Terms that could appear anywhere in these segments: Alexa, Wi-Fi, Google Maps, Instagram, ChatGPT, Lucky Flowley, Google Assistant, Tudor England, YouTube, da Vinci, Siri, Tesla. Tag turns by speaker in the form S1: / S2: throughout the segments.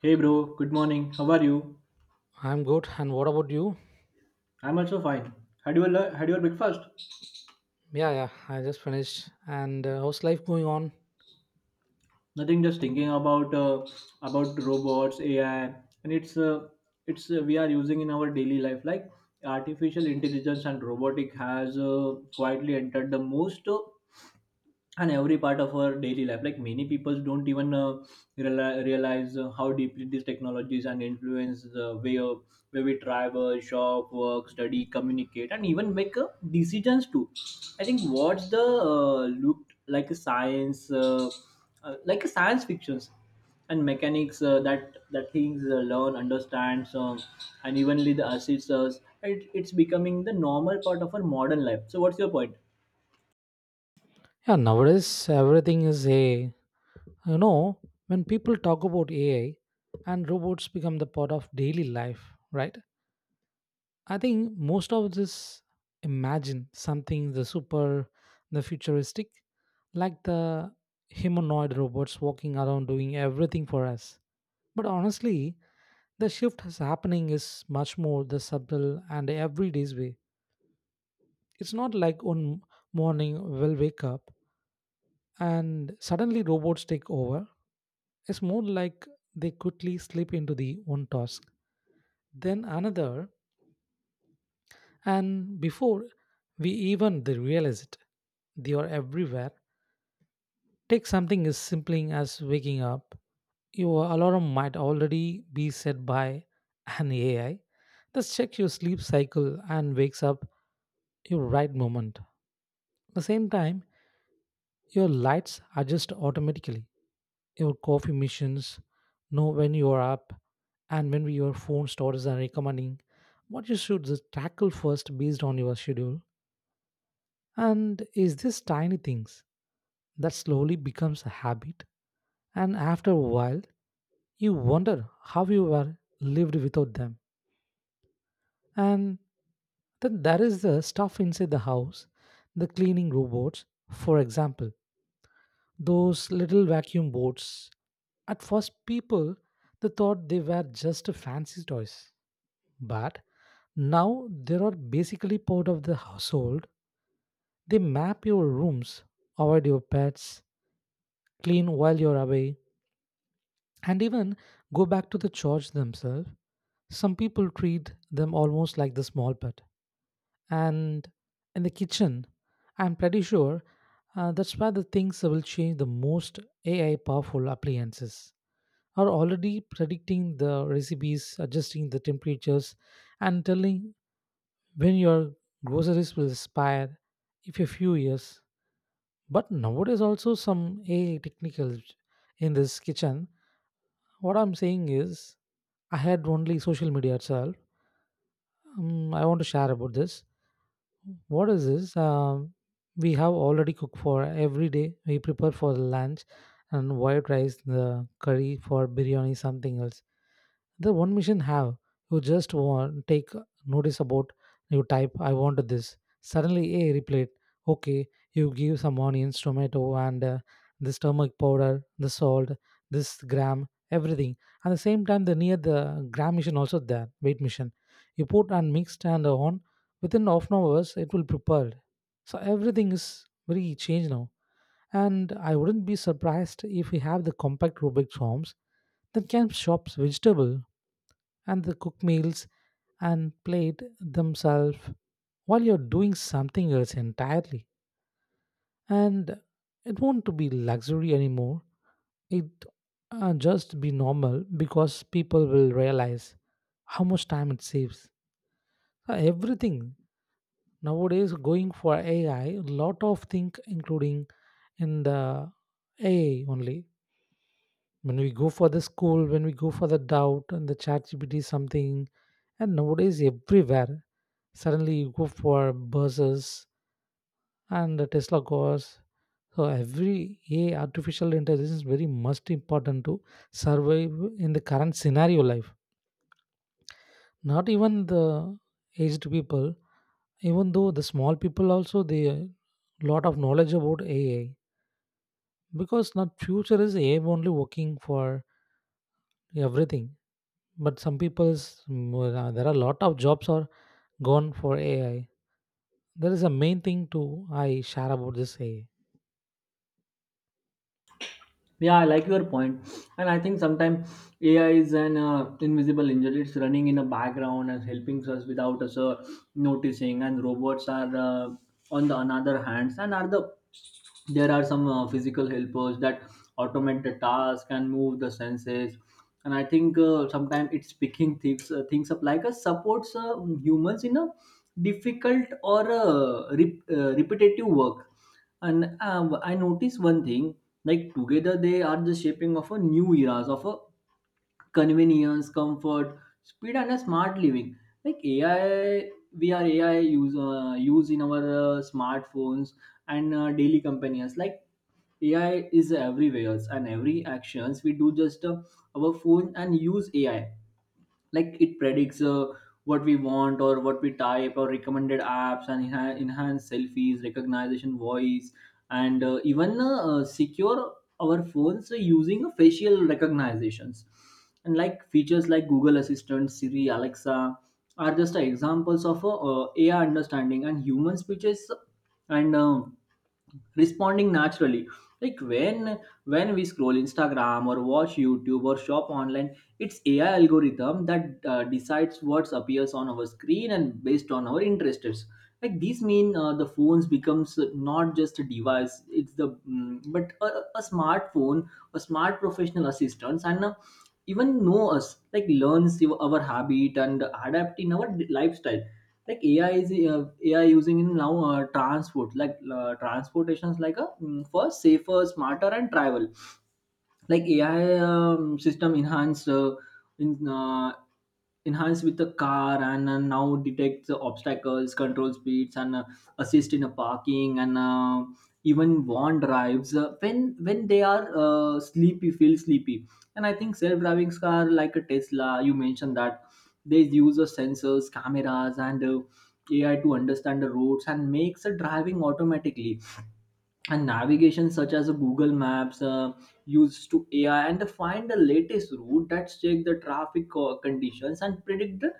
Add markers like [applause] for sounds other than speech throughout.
S1: Hey bro, good morning. How are you?
S2: I'm good. And what about you?
S1: I'm also fine. Had your breakfast?
S2: Yeah, yeah. I just finished. And How's life going on?
S1: Nothing. Just thinking about robots, AI, and it's we are using in our daily life. Like artificial intelligence and robotic has quietly entered the most. And every part of our daily life. Like many people don't even realize how deeply these technologies and influence the way of where we travel, shop, work, study, communicate, and even make decisions too. I think what's the looked like a science fictions and mechanics that things learn, understands, and evenly the assists us, it's becoming the normal part of our modern life. So what's your point?
S2: Yeah, nowadays everything is AI. You know, when people talk about AI and robots become the part of daily life, right? I think most of this imagine something the super, the futuristic, like the humanoid robots walking around doing everything for us. But honestly, the shift is happening is much more the subtle and everyday's way. It's not like one morning we'll wake up and suddenly robots take over. It's more like they quickly slip into the one task, then another, and before we even they realize it, they are everywhere. Take something as simple as waking up. Your alarm might already be set by an AI. Just check your sleep cycle and wakes up your right moment. At the same time, your lights adjust automatically. Your coffee missions, know when you are up, and when your phone stores are recommending what you should just tackle first based on your schedule. And is this tiny things that slowly becomes a habit, and after a while, you wonder how you were lived without them. And then there is the stuff inside the house, the cleaning robots, for example, those little vacuum boats. At first, people they thought they were just fancy toys, but now they are basically part of the household. They map your rooms, avoid your pets, clean while you're away, and even go back to the church themselves. Some people treat them almost like the small pet. And in the kitchen, I'm pretty sure that's where the things will change the most. AI powerful appliances are already predicting the recipes, adjusting the temperatures, and telling when your groceries will expire if a few years, but nowadays also some AI technical in this kitchen. What I'm saying is I had only social media itself. I want to share about this. What is this, we have already cooked for every day we prepare for the lunch and white rice the curry for biryani something else. The one mission have, you just want take notice about, you type I want this, suddenly a replied, okay, you give some onions tomato and this turmeric powder, the salt, this gram, everything. At the same time the near the gram mission also there weight mission, you put and mixed and on, within half an hours it will prepared. So everything is very changed now, and I wouldn't be surprised if we have the compact rubik forms that can shops vegetable and they cook meals and plate themselves while you're doing something else entirely. And it won't be luxury anymore. It just be normal because people will realize how much time it saves. Everything nowadays going for AI, lot of things including in the AI only. When we go for the school when we go for the doubt and the ChatGPT something, and nowadays everywhere, suddenly you go for buses and the Tesla cars. So every a artificial intelligence is very much important to survive in the current scenario life, not even the aged people, even though the small people also they lot of knowledge about AI, because not future is AI only working for everything. But some people's there are a lot of jobs are gone for AI. There is a main thing to I share about this AI.
S1: Yeah, I like your point, and I think sometimes AI is an invisible engine. It's running in the background and helping us without us noticing. And robots are on the another hands, and are the there are some physical helpers that automate the task and move the senses. And I think sometimes it's picking things up, like a supports humans in a difficult or repetitive work. And I noticed one thing, like together they are the shaping of a new eras of a convenience, comfort, speed, and a smart living. Like AI, we are AI use in our smartphones and daily companions. Like AI is everywhere, and every actions we do just our phone and use AI. Like it predicts what we want or what we type or recommended apps, and enhance selfies recognition, voice, and even secure our phones using a facial recognitions. And like features like Google Assistant, Siri, Alexa are just examples of AI understanding and human speeches, and responding naturally. Like when we scroll Instagram or watch YouTube or shop online, it's AI algorithm that decides what appears on our screen and based on our interests. Like these mean the phones becomes not just a device. It's the mm, but a smartphone, a smart professional assistants, and even know us, like learns our habit and adapt in our lifestyle. Like AI using in now transport like transportations, like for safer, smarter and travel. Like AI system in uh, enhanced with the car, and now detects the obstacles, control speeds, and assist in a parking, and even warn drives when they are sleepy, feel sleepy. And I think self-driving car like a Tesla, you mentioned that. They use the sensors, cameras, and AI to understand the roads and makes the driving automatically. And navigation such as a Google Maps used to AI and to find the latest route that check the traffic conditions and predict the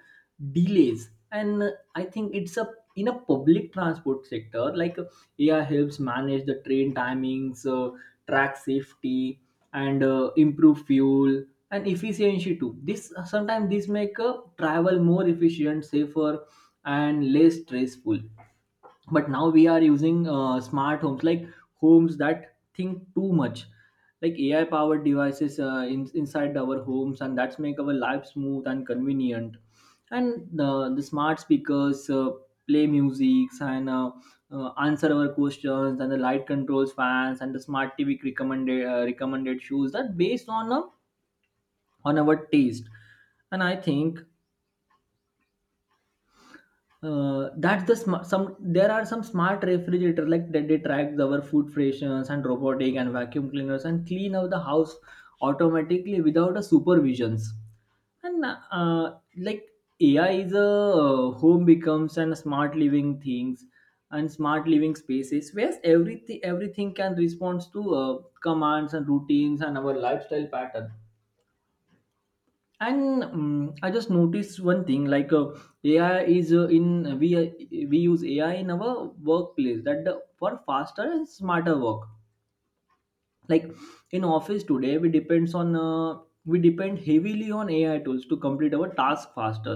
S1: delays. And I think it's a in a public transport sector, like AI helps manage the train timings, track safety, and improve fuel and efficiency too. This sometimes this make travel more efficient, safer, and less stressful. But now we are using smart homes, like homes that think too much. Like AI powered devices inside our homes, and that's make our life smooth and convenient. And the smart speakers play music, and answer our questions, and the light controls fans, and the smart TV recommended shoes that based on on our taste. And I think that's the sm- some there are some smart refrigerator like that they track our food freshness, and robotic and vacuum cleaners and clean out the house automatically without a supervisions. And like AI is a home becomes and smart living things and smart living spaces where everything can respond to commands and routines and our lifestyle pattern. And I just noticed one thing, like ai is in we use AI in our workplace that the, for faster and smarter work. Like in office today we depends on we depend heavily on AI tools to complete our task faster.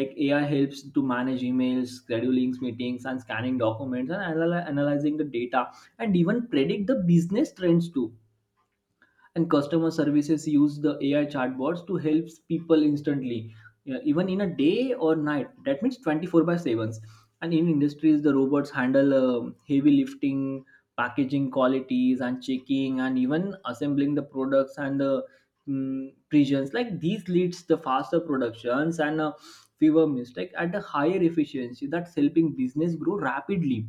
S1: Like AI helps to manage emails, scheduling meetings, and scanning documents, and analyzing the data, and even predict the business trends too. And customer services use the AI chatbots to help people instantly, yeah, even in a day or night. That means 24 by 7. And in industries, the robots handle heavy lifting, packaging qualities and checking, and even assembling the products. And the regions like these leads the faster productions, and fewer mistakes at a higher efficiency. That's helping business grow rapidly.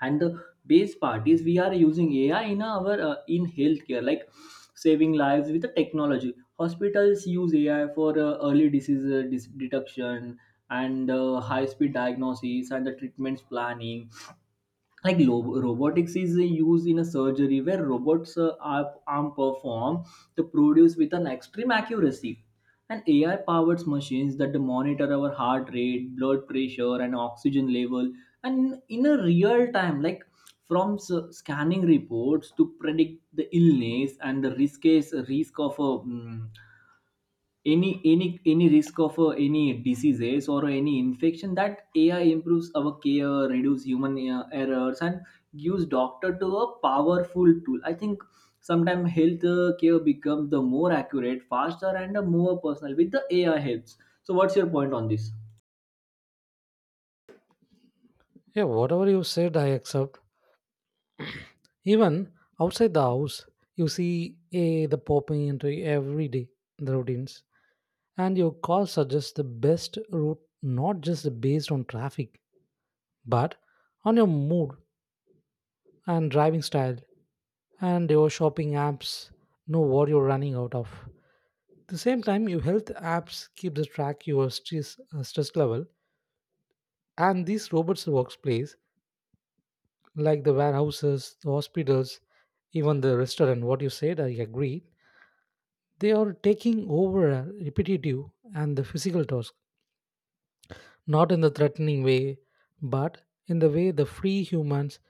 S1: And the base part is we are using AI in our in healthcare, like saving lives with the technology. Hospitals use AI for early disease detection, and high speed diagnosis, and the treatments planning. Like robotics is used in a surgery where robots arm perform the produce with an extreme accuracy. And AI powered machines that monitor our heart rate, blood pressure, and oxygen level, and in a real time. Like from scanning reports to predict the illness and the risk is risk of a any risk of any diseases or any infection, that AI improves our care, reduce human errors, and gives doctor to a powerful tool. I think sometimes health care becomes the more accurate, faster, and more personal with the AI helps. So what's your point on this?
S2: Yeah, whatever you said, I accept. Even outside the house, you see AI the popping into every day the routines, and your call suggests the best route not just based on traffic, but on your mood and driving style, and your shopping apps know what you're running out of. At the same time, your health apps keep the track your stress, stress level, and these robots workplace like the warehouses, the hospitals, even the restaurant. What you said, I agree. They are taking over a repetitive and the physical task, not in the threatening way, but in the way the free humans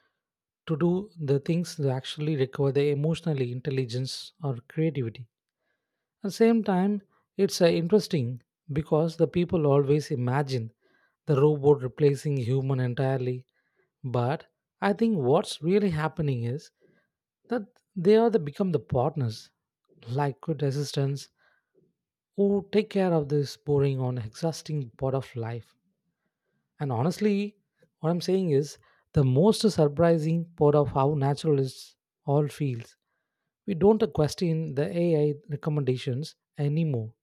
S2: to do the things that actually require the emotional intelligence or creativity. At the same time, it's interesting because the people always imagine the robot replacing human entirely, but I think what's really happening is that they are the become the partners, like good assistants who take care of this boring on exhausting part of life. And honestly, what I'm saying is the most surprising part of how natural it all feels. We don't question the AI recommendations anymore.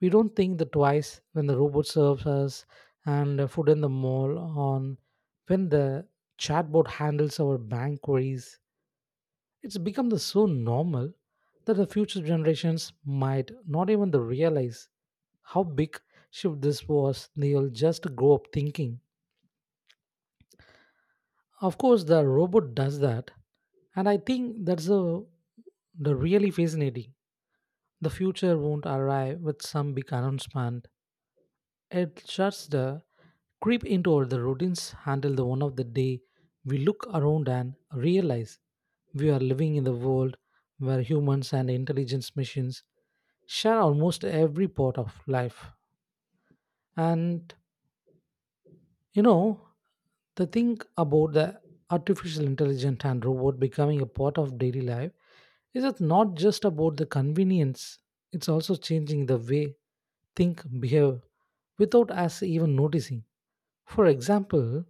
S2: We don't think the twice when the robot serves us and the food in the mall on when the chatbot handles our bank queries. It's become the so normal that the future generations might not even the realize how big shift this was. They'll just grow up thinking. Of course, the robot does that, and I think that's a the really fascinating. The future won't arrive with some big announcement. It shuts the creep into all the routines until the one of the day we look around and realize we are living in the world where humans and intelligence machines share almost every part of life. And you know, the thing about the artificial intelligence and robot becoming a part of daily life is it's not just about the convenience, it's also changing the way think, behave without us even noticing. For example,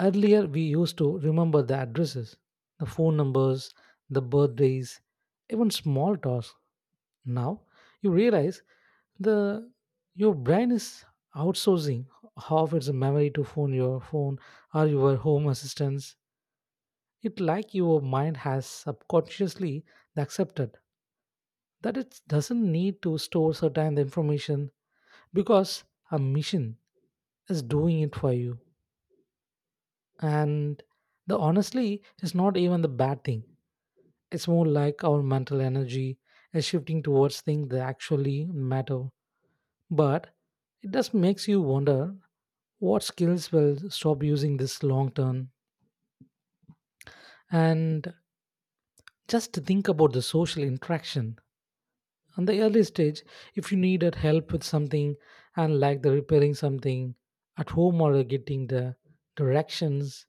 S2: earlier, we used to remember the addresses, the phone numbers, the birthdays, even small tasks. Now, you realize the your brain is outsourcing half its memory to phone your phone or your home assistants. It like your mind has subconsciously accepted that it doesn't need to store certain information because a machine is doing it for you. And the honestly is not even the bad thing. It's more like our mental energy is shifting towards things that actually matter. But it does makes you wonder what skills will stop using this long term. And just to think about the social interaction. On the early stage, if you needed help with something and like the repairing something at home or getting the directions,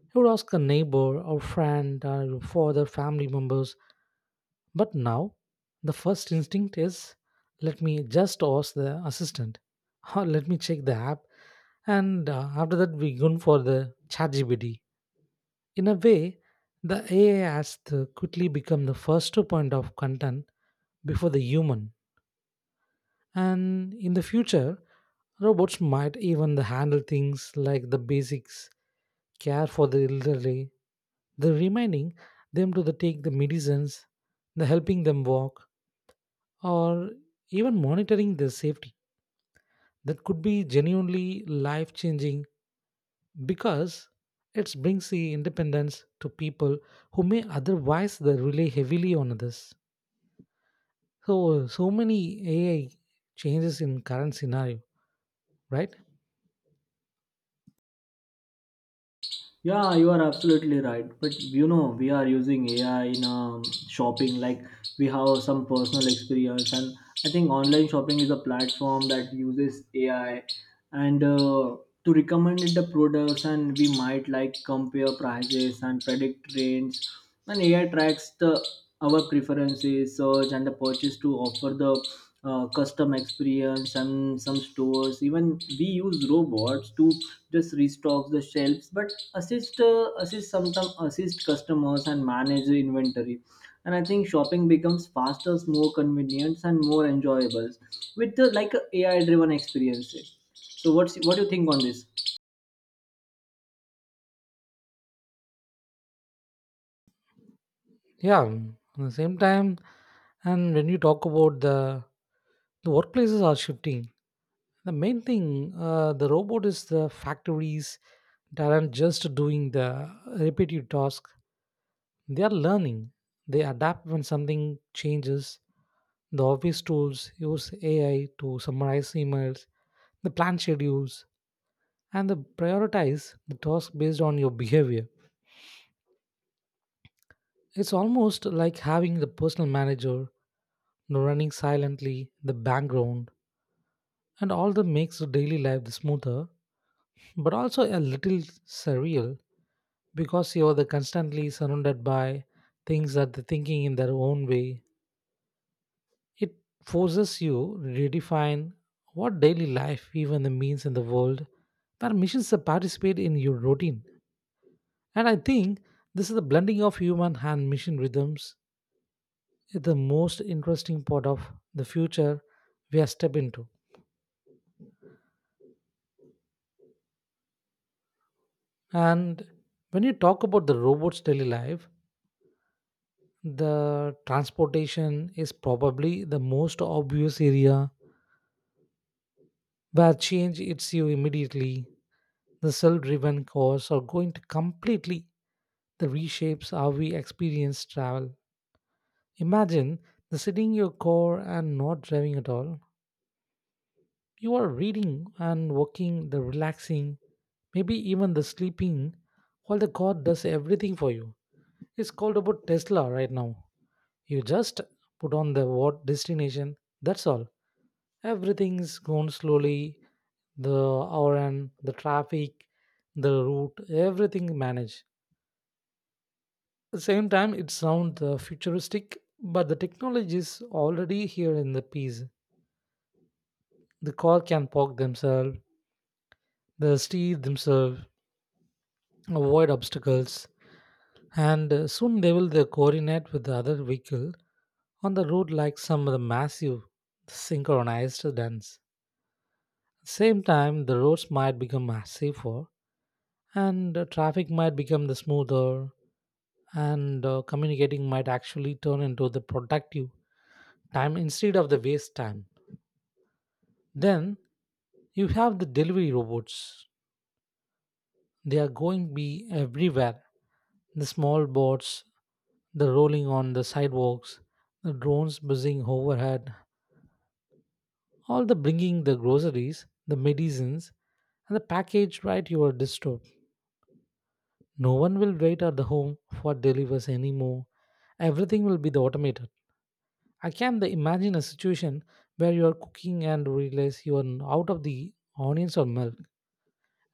S2: you would ask a neighbor or friend or for other family members. But now, the first instinct is let me just ask the assistant [laughs] or let me check the app. And After that, we go for the ChatGPT. In a way, the AI has to quickly become the first point of content before the human. And in the future, robots might even the handle things like the basics, care for the elderly, the reminding them to the take the medicines, the helping them walk, or even monitoring their safety. That could be genuinely life changing because it brings the independence to people who may otherwise they rely heavily on others. So, so many AI changes in current scenario, right?
S1: Yeah, you are absolutely right. But you know, we are using AI in shopping. Like we have some personal experience, and I think online shopping is a platform that uses AI and to recommend it the products. And we might like compare prices and predict trends. And AI tracks the our preferences, search, and the purchase to offer the custom experience. And some stores even we use robots to just restock the shelves, but assist customers and manage the inventory. And I think shopping becomes faster, more convenient and more enjoyable with the, like a AI driven experiences. So what's what do you think on this?
S2: Yeah, mm, at the same time, and when you talk about the workplaces are shifting. The main thing, the robot is the factories that aren't just doing the repetitive task. They are learning. They adapt when something changes. The office tools use AI to summarize emails, the plan schedules, and the prioritize the task based on your behavior. It's almost like having the personal manager the running silently, the background, and all that makes the daily life smoother, but also a little surreal because you're the constantly surrounded by things that they're thinking in their own way. It forces you to redefine what daily life even the means in the world where missions that participate in your routine. And I think this is the blending of human and mission rhythms is the most interesting part of the future we are step into. And when you talk about the robot's daily life, the transportation is probably the most obvious area where change hits you immediately. The self driven cars are going to completely the reshapes how we experience travel. Imagine the sitting in your car and not driving at all. You are reading and walking, the relaxing, maybe even the sleeping, while the car does everything for you. It's called about Tesla right now. You just put on the what destination, that's all. Everything's gone slowly, the hour and the traffic, the route, everything managed. The same time, it sounds futuristic, but the technology is already here in the piece. The car can park themselves, the steer themselves, avoid obstacles, and soon they will coordinate with the other vehicle on the road like some of the massive synchronized dance. Same time, the roads might become much safer, and traffic might become the smoother, and communicating might actually turn into the productive time instead of the waste time. Then you have the delivery robots. They are going to be everywhere. The small bots, the rolling on the sidewalks, the drones buzzing overhead, all the bringing the groceries, the medicines, and the package right to your doorstep. No one will wait at the home for delivers anymore. Everything will be the automated. I can the imagine a situation where you are cooking and realize you are out of the onions or milk,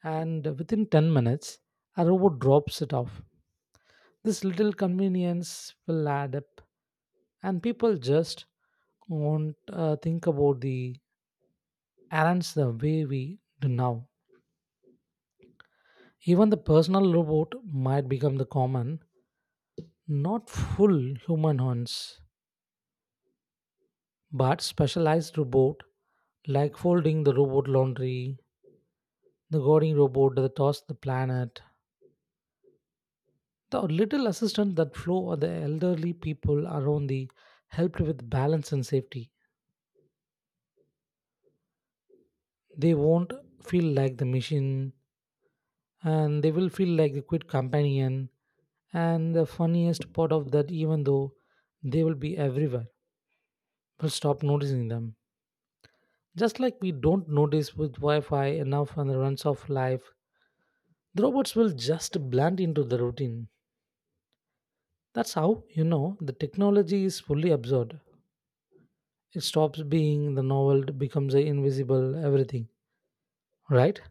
S2: and within 10 minutes, a robot drops it off. This little convenience will add up, and people just won't think about the errands the way we do now. Even the personal robot might become the common, not full human hands, but specialized robot like folding the robot laundry, the guarding robot that toss the planet, the little assistance that flow or the elderly people around the helped with balance and safety. They won't feel like the machine, and they will feel like a good companion. And the funniest part of that, even though they will be everywhere, we'll stop noticing them. Just like we don't notice with Wi Fi enough on the runs of life, the robots will just blend into the routine. That's how you know the technology is fully absorbed. It stops being the novel, it becomes a invisible everything, right?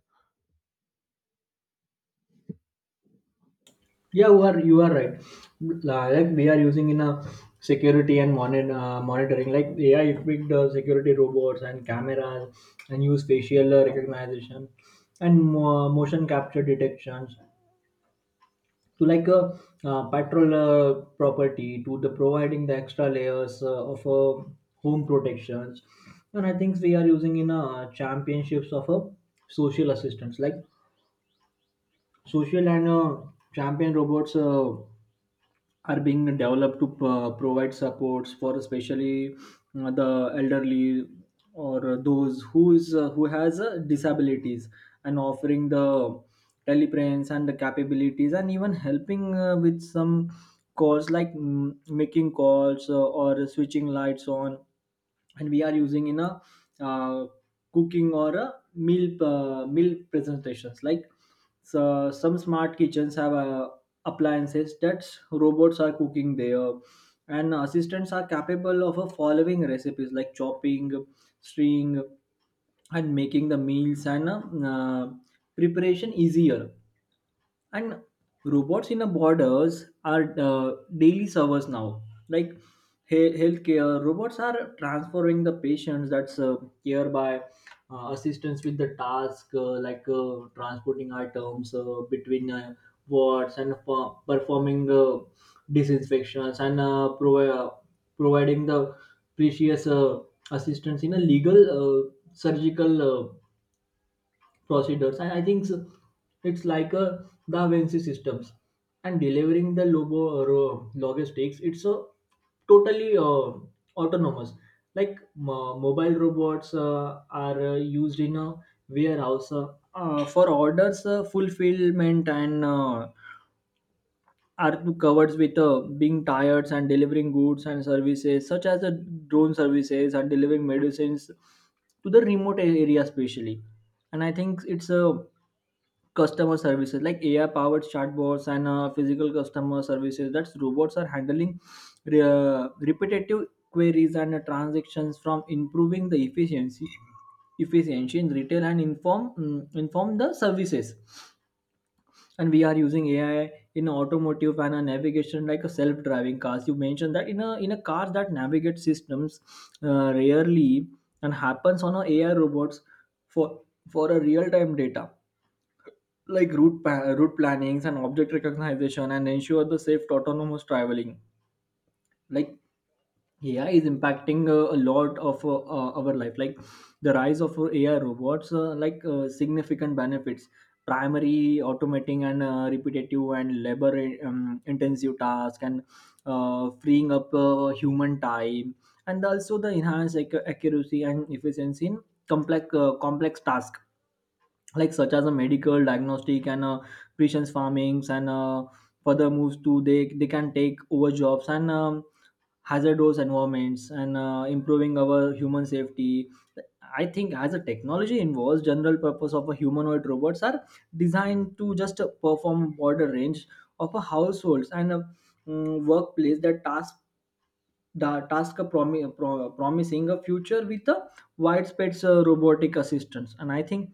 S1: Yeah, you are right. Like we are using in a security and monitoring, like AI equipped security robots and cameras, and use facial recognition, and motion capture detections, to like a patrol property to the providing the extra layers of home protections. And I think we are using in championships of a social assistance, like social and champion robots are being developed to provide supports for especially the elderly or those who is who has disabilities, and offering the telepresence and the capabilities, and even helping with some calls, like making calls or switching lights on. And we are using in a uh, cooking or a meal presentations, like so some smart kitchens have appliances that robots are cooking there, and assistants are capable of following recipes like chopping, string, and making the meals, and uh, preparation easier. And robots in the borders are daily servers now, like healthcare robots are transferring the patients that's care by assistance with the task like transporting items between wards, and performing disinfections, and providing the precious assistance in a legal surgical procedures. And I think so it's like a Da Vinci systems. And delivering the logo or logistics, it's a totally autonomous. Like mobile robots are used in a warehouse for orders fulfillment, and are covered with being tired and delivering goods and services such as the drone services and delivering medicines to the remote area especially. And I think it's a customer services, like AI powered chatbots and physical customer services that robots are handling repetitive queries and transactions from improving the efficiency in retail and inform the services. And we are using AI in automotive and a navigation like a self-driving cars, you mentioned that. In a in a car that navigate systems rarely and happens on a AI robots for for a real-time data, like route plannings and object recognition, and ensure the safe autonomous traveling. Like AI is impacting a lot of our life. Like the rise of AI robots, like significant benefits, primary automating and repetitive and labor intensive task, and freeing up human time, and also the enhanced accuracy and efficiency in complex task, like such as a medical diagnostic and precision farmings, and further moves to they can take over jobs, and hazardous environments, and improving our human safety. I think as a technology involves, general purpose of a humanoid robots are designed to just perform broader range of a households and a workplace that task. The task of promising a future with a widespread robotic assistance. And I think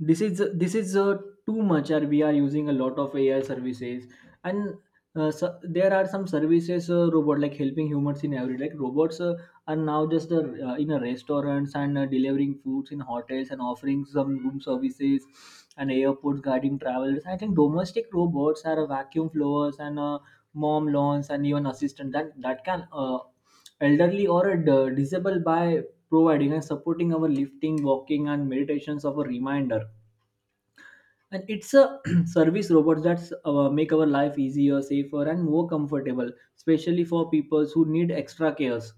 S1: this is too much, or we are using a lot of AI services. And so there are some services robot, like helping humans in every, like robots are now just in a restaurants, and delivering foods in hotels, and offering some room services, and airports guiding travelers. I think domestic robots are vacuum blowers and mom lawns, and even assistant that can elderly or a disabled by providing and supporting our lifting, walking, and meditations of a reminder. And it's a [clears throat] service robots that make our life easier, safer, and more comfortable, especially for people who need extra cares.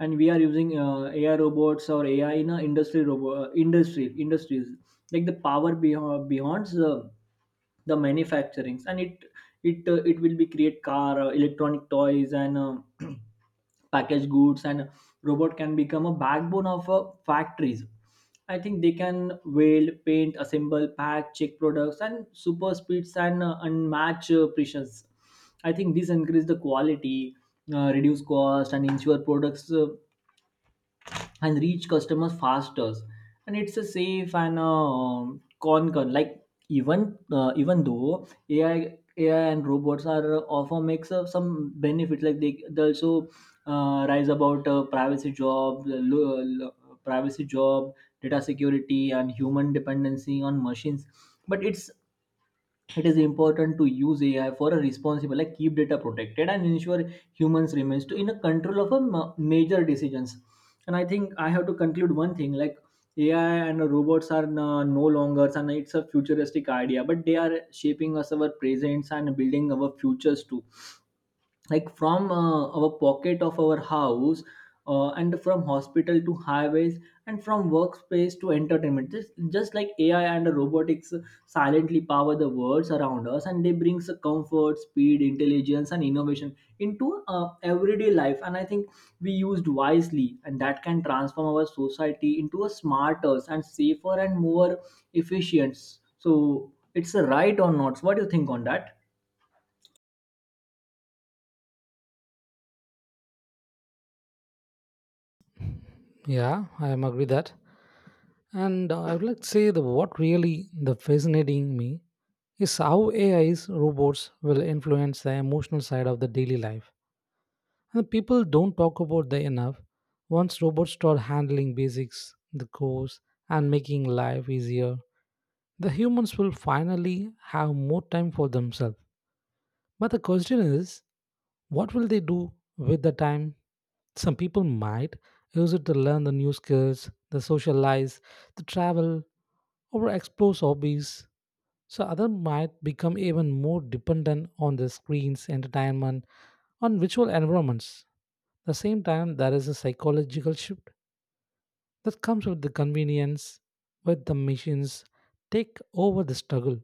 S1: And we are using AI robots or AI in a industry industry industries, like the power beyond the manufacturings. And it it will be create car electronic toys, and [clears throat] packaged goods. And robot can become a backbone of factories. I think they can weld, paint, assemble, pack, check products and super speeds, and unmatched precisions. I think this increase the quality, reduce cost, and ensure products and reach customers faster. And it's a safe and con con like even even though AI and robots are offer makes some benefits, like they also rise about privacy, job, data security, and human dependency on machines. But it is important to use AI for a responsible, like keep data protected and ensure humans remains to in a control of a major decisions. And I think I have to conclude one thing, like AI and robots are no longer, and it's a futuristic idea, but they are shaping us our presents and building our futures too. Like from our pocket of our house, and from hospital to highways, and from workspace to entertainment, just like AI and robotics silently power the worlds around us, and they brings a comfort, speed, intelligence, and innovation into everyday life. And I think we used wisely and that can transform our society into a smarter and safer and more efficient. So it's a right or not, what do you think on that?
S2: Yeah, I am agree that. And I would like to say that what really the fascinating me is how AI's robots will influence the emotional side of the daily life. And the people don't talk about that enough. Once robots start handling basics, the course, and making life easier, the humans will finally have more time for themselves. But the question is, what will they do with the time? Some people might use it to learn the new skills, the socialize, the travel, or explore hobbies. So others might become even more dependent on the screens, entertainment, on virtual environments. At the same time, there is a psychological shift that comes with the convenience, with the machines take over the struggle,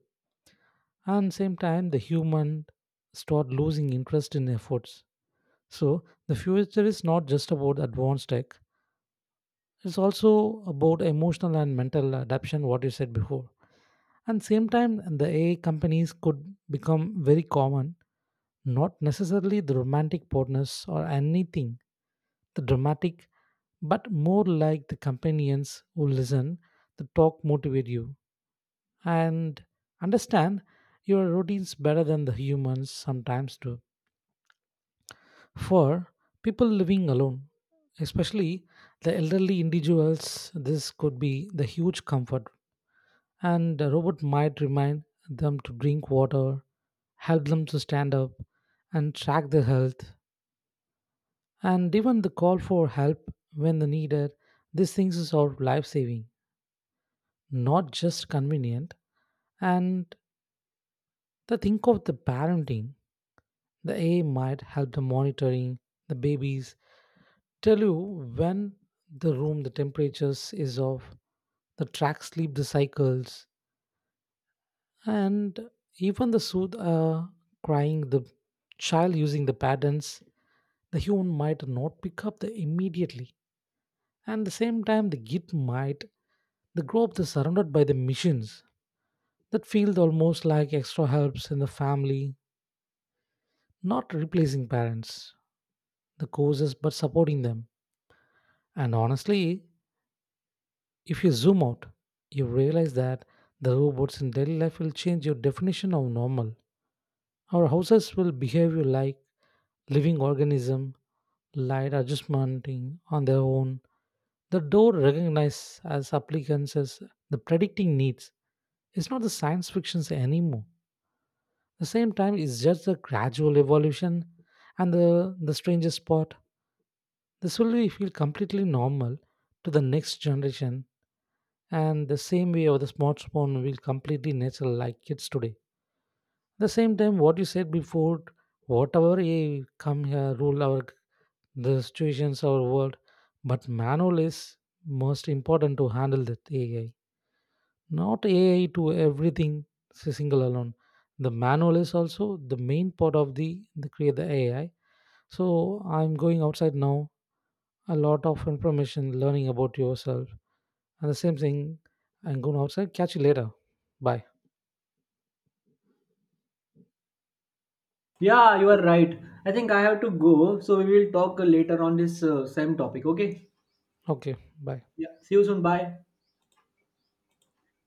S2: and same time the human start losing interest in efforts. So the future is not just about advanced tech, it's also about emotional and mental adaptation, what you said before. And same time the AI companies could become very common, not necessarily the romantic partners or anything the dramatic, but more like the companions who listen, the talk motivate you, and understand your routines better than the humans sometimes do. For people living alone, especially the elderly individuals, this could be the huge comfort. And a robot might remind them to drink water, help them to stand up, and track their health, and even the call for help when needed. These things is all life saving, not just convenient. And the think of the parenting. The AI might help the monitoring the babies, tell you when the room the temperatures is off, the track sleep the cycles, and even the soothe crying the child using the patterns the human might not pick up the immediately. And the same time the git might the grow up the surrounded by the machines that feel almost like extra helps in the family, not replacing parents, the causes but supporting them. And honestly, if you zoom out, you realize that the robots in daily life will change your definition of normal. Our houses will behave you like living organism, light adjustmenting on their own. The door recognizes as applicants as the predicting needs. It's not the science fictions anymore. The same time, it's just a gradual evolution and the strangest part. This feel completely normal to the next generation, and the same way of the smartphone will completely natural like kids today. The same time what you said before, whatever a come here rule our the situations our world, but manual is most important to handle that AI, not AI to everything, single alone. The manual is also the main part of the create the AI. So I'm going outside now, a lot of information learning about yourself. And the same thing, I'm going outside, catch you later. Bye.
S1: Yeah, you are right. I think I have to go, so we will talk later on this same topic. Okay.
S2: Okay, bye.
S1: Yeah. See you soon. Bye.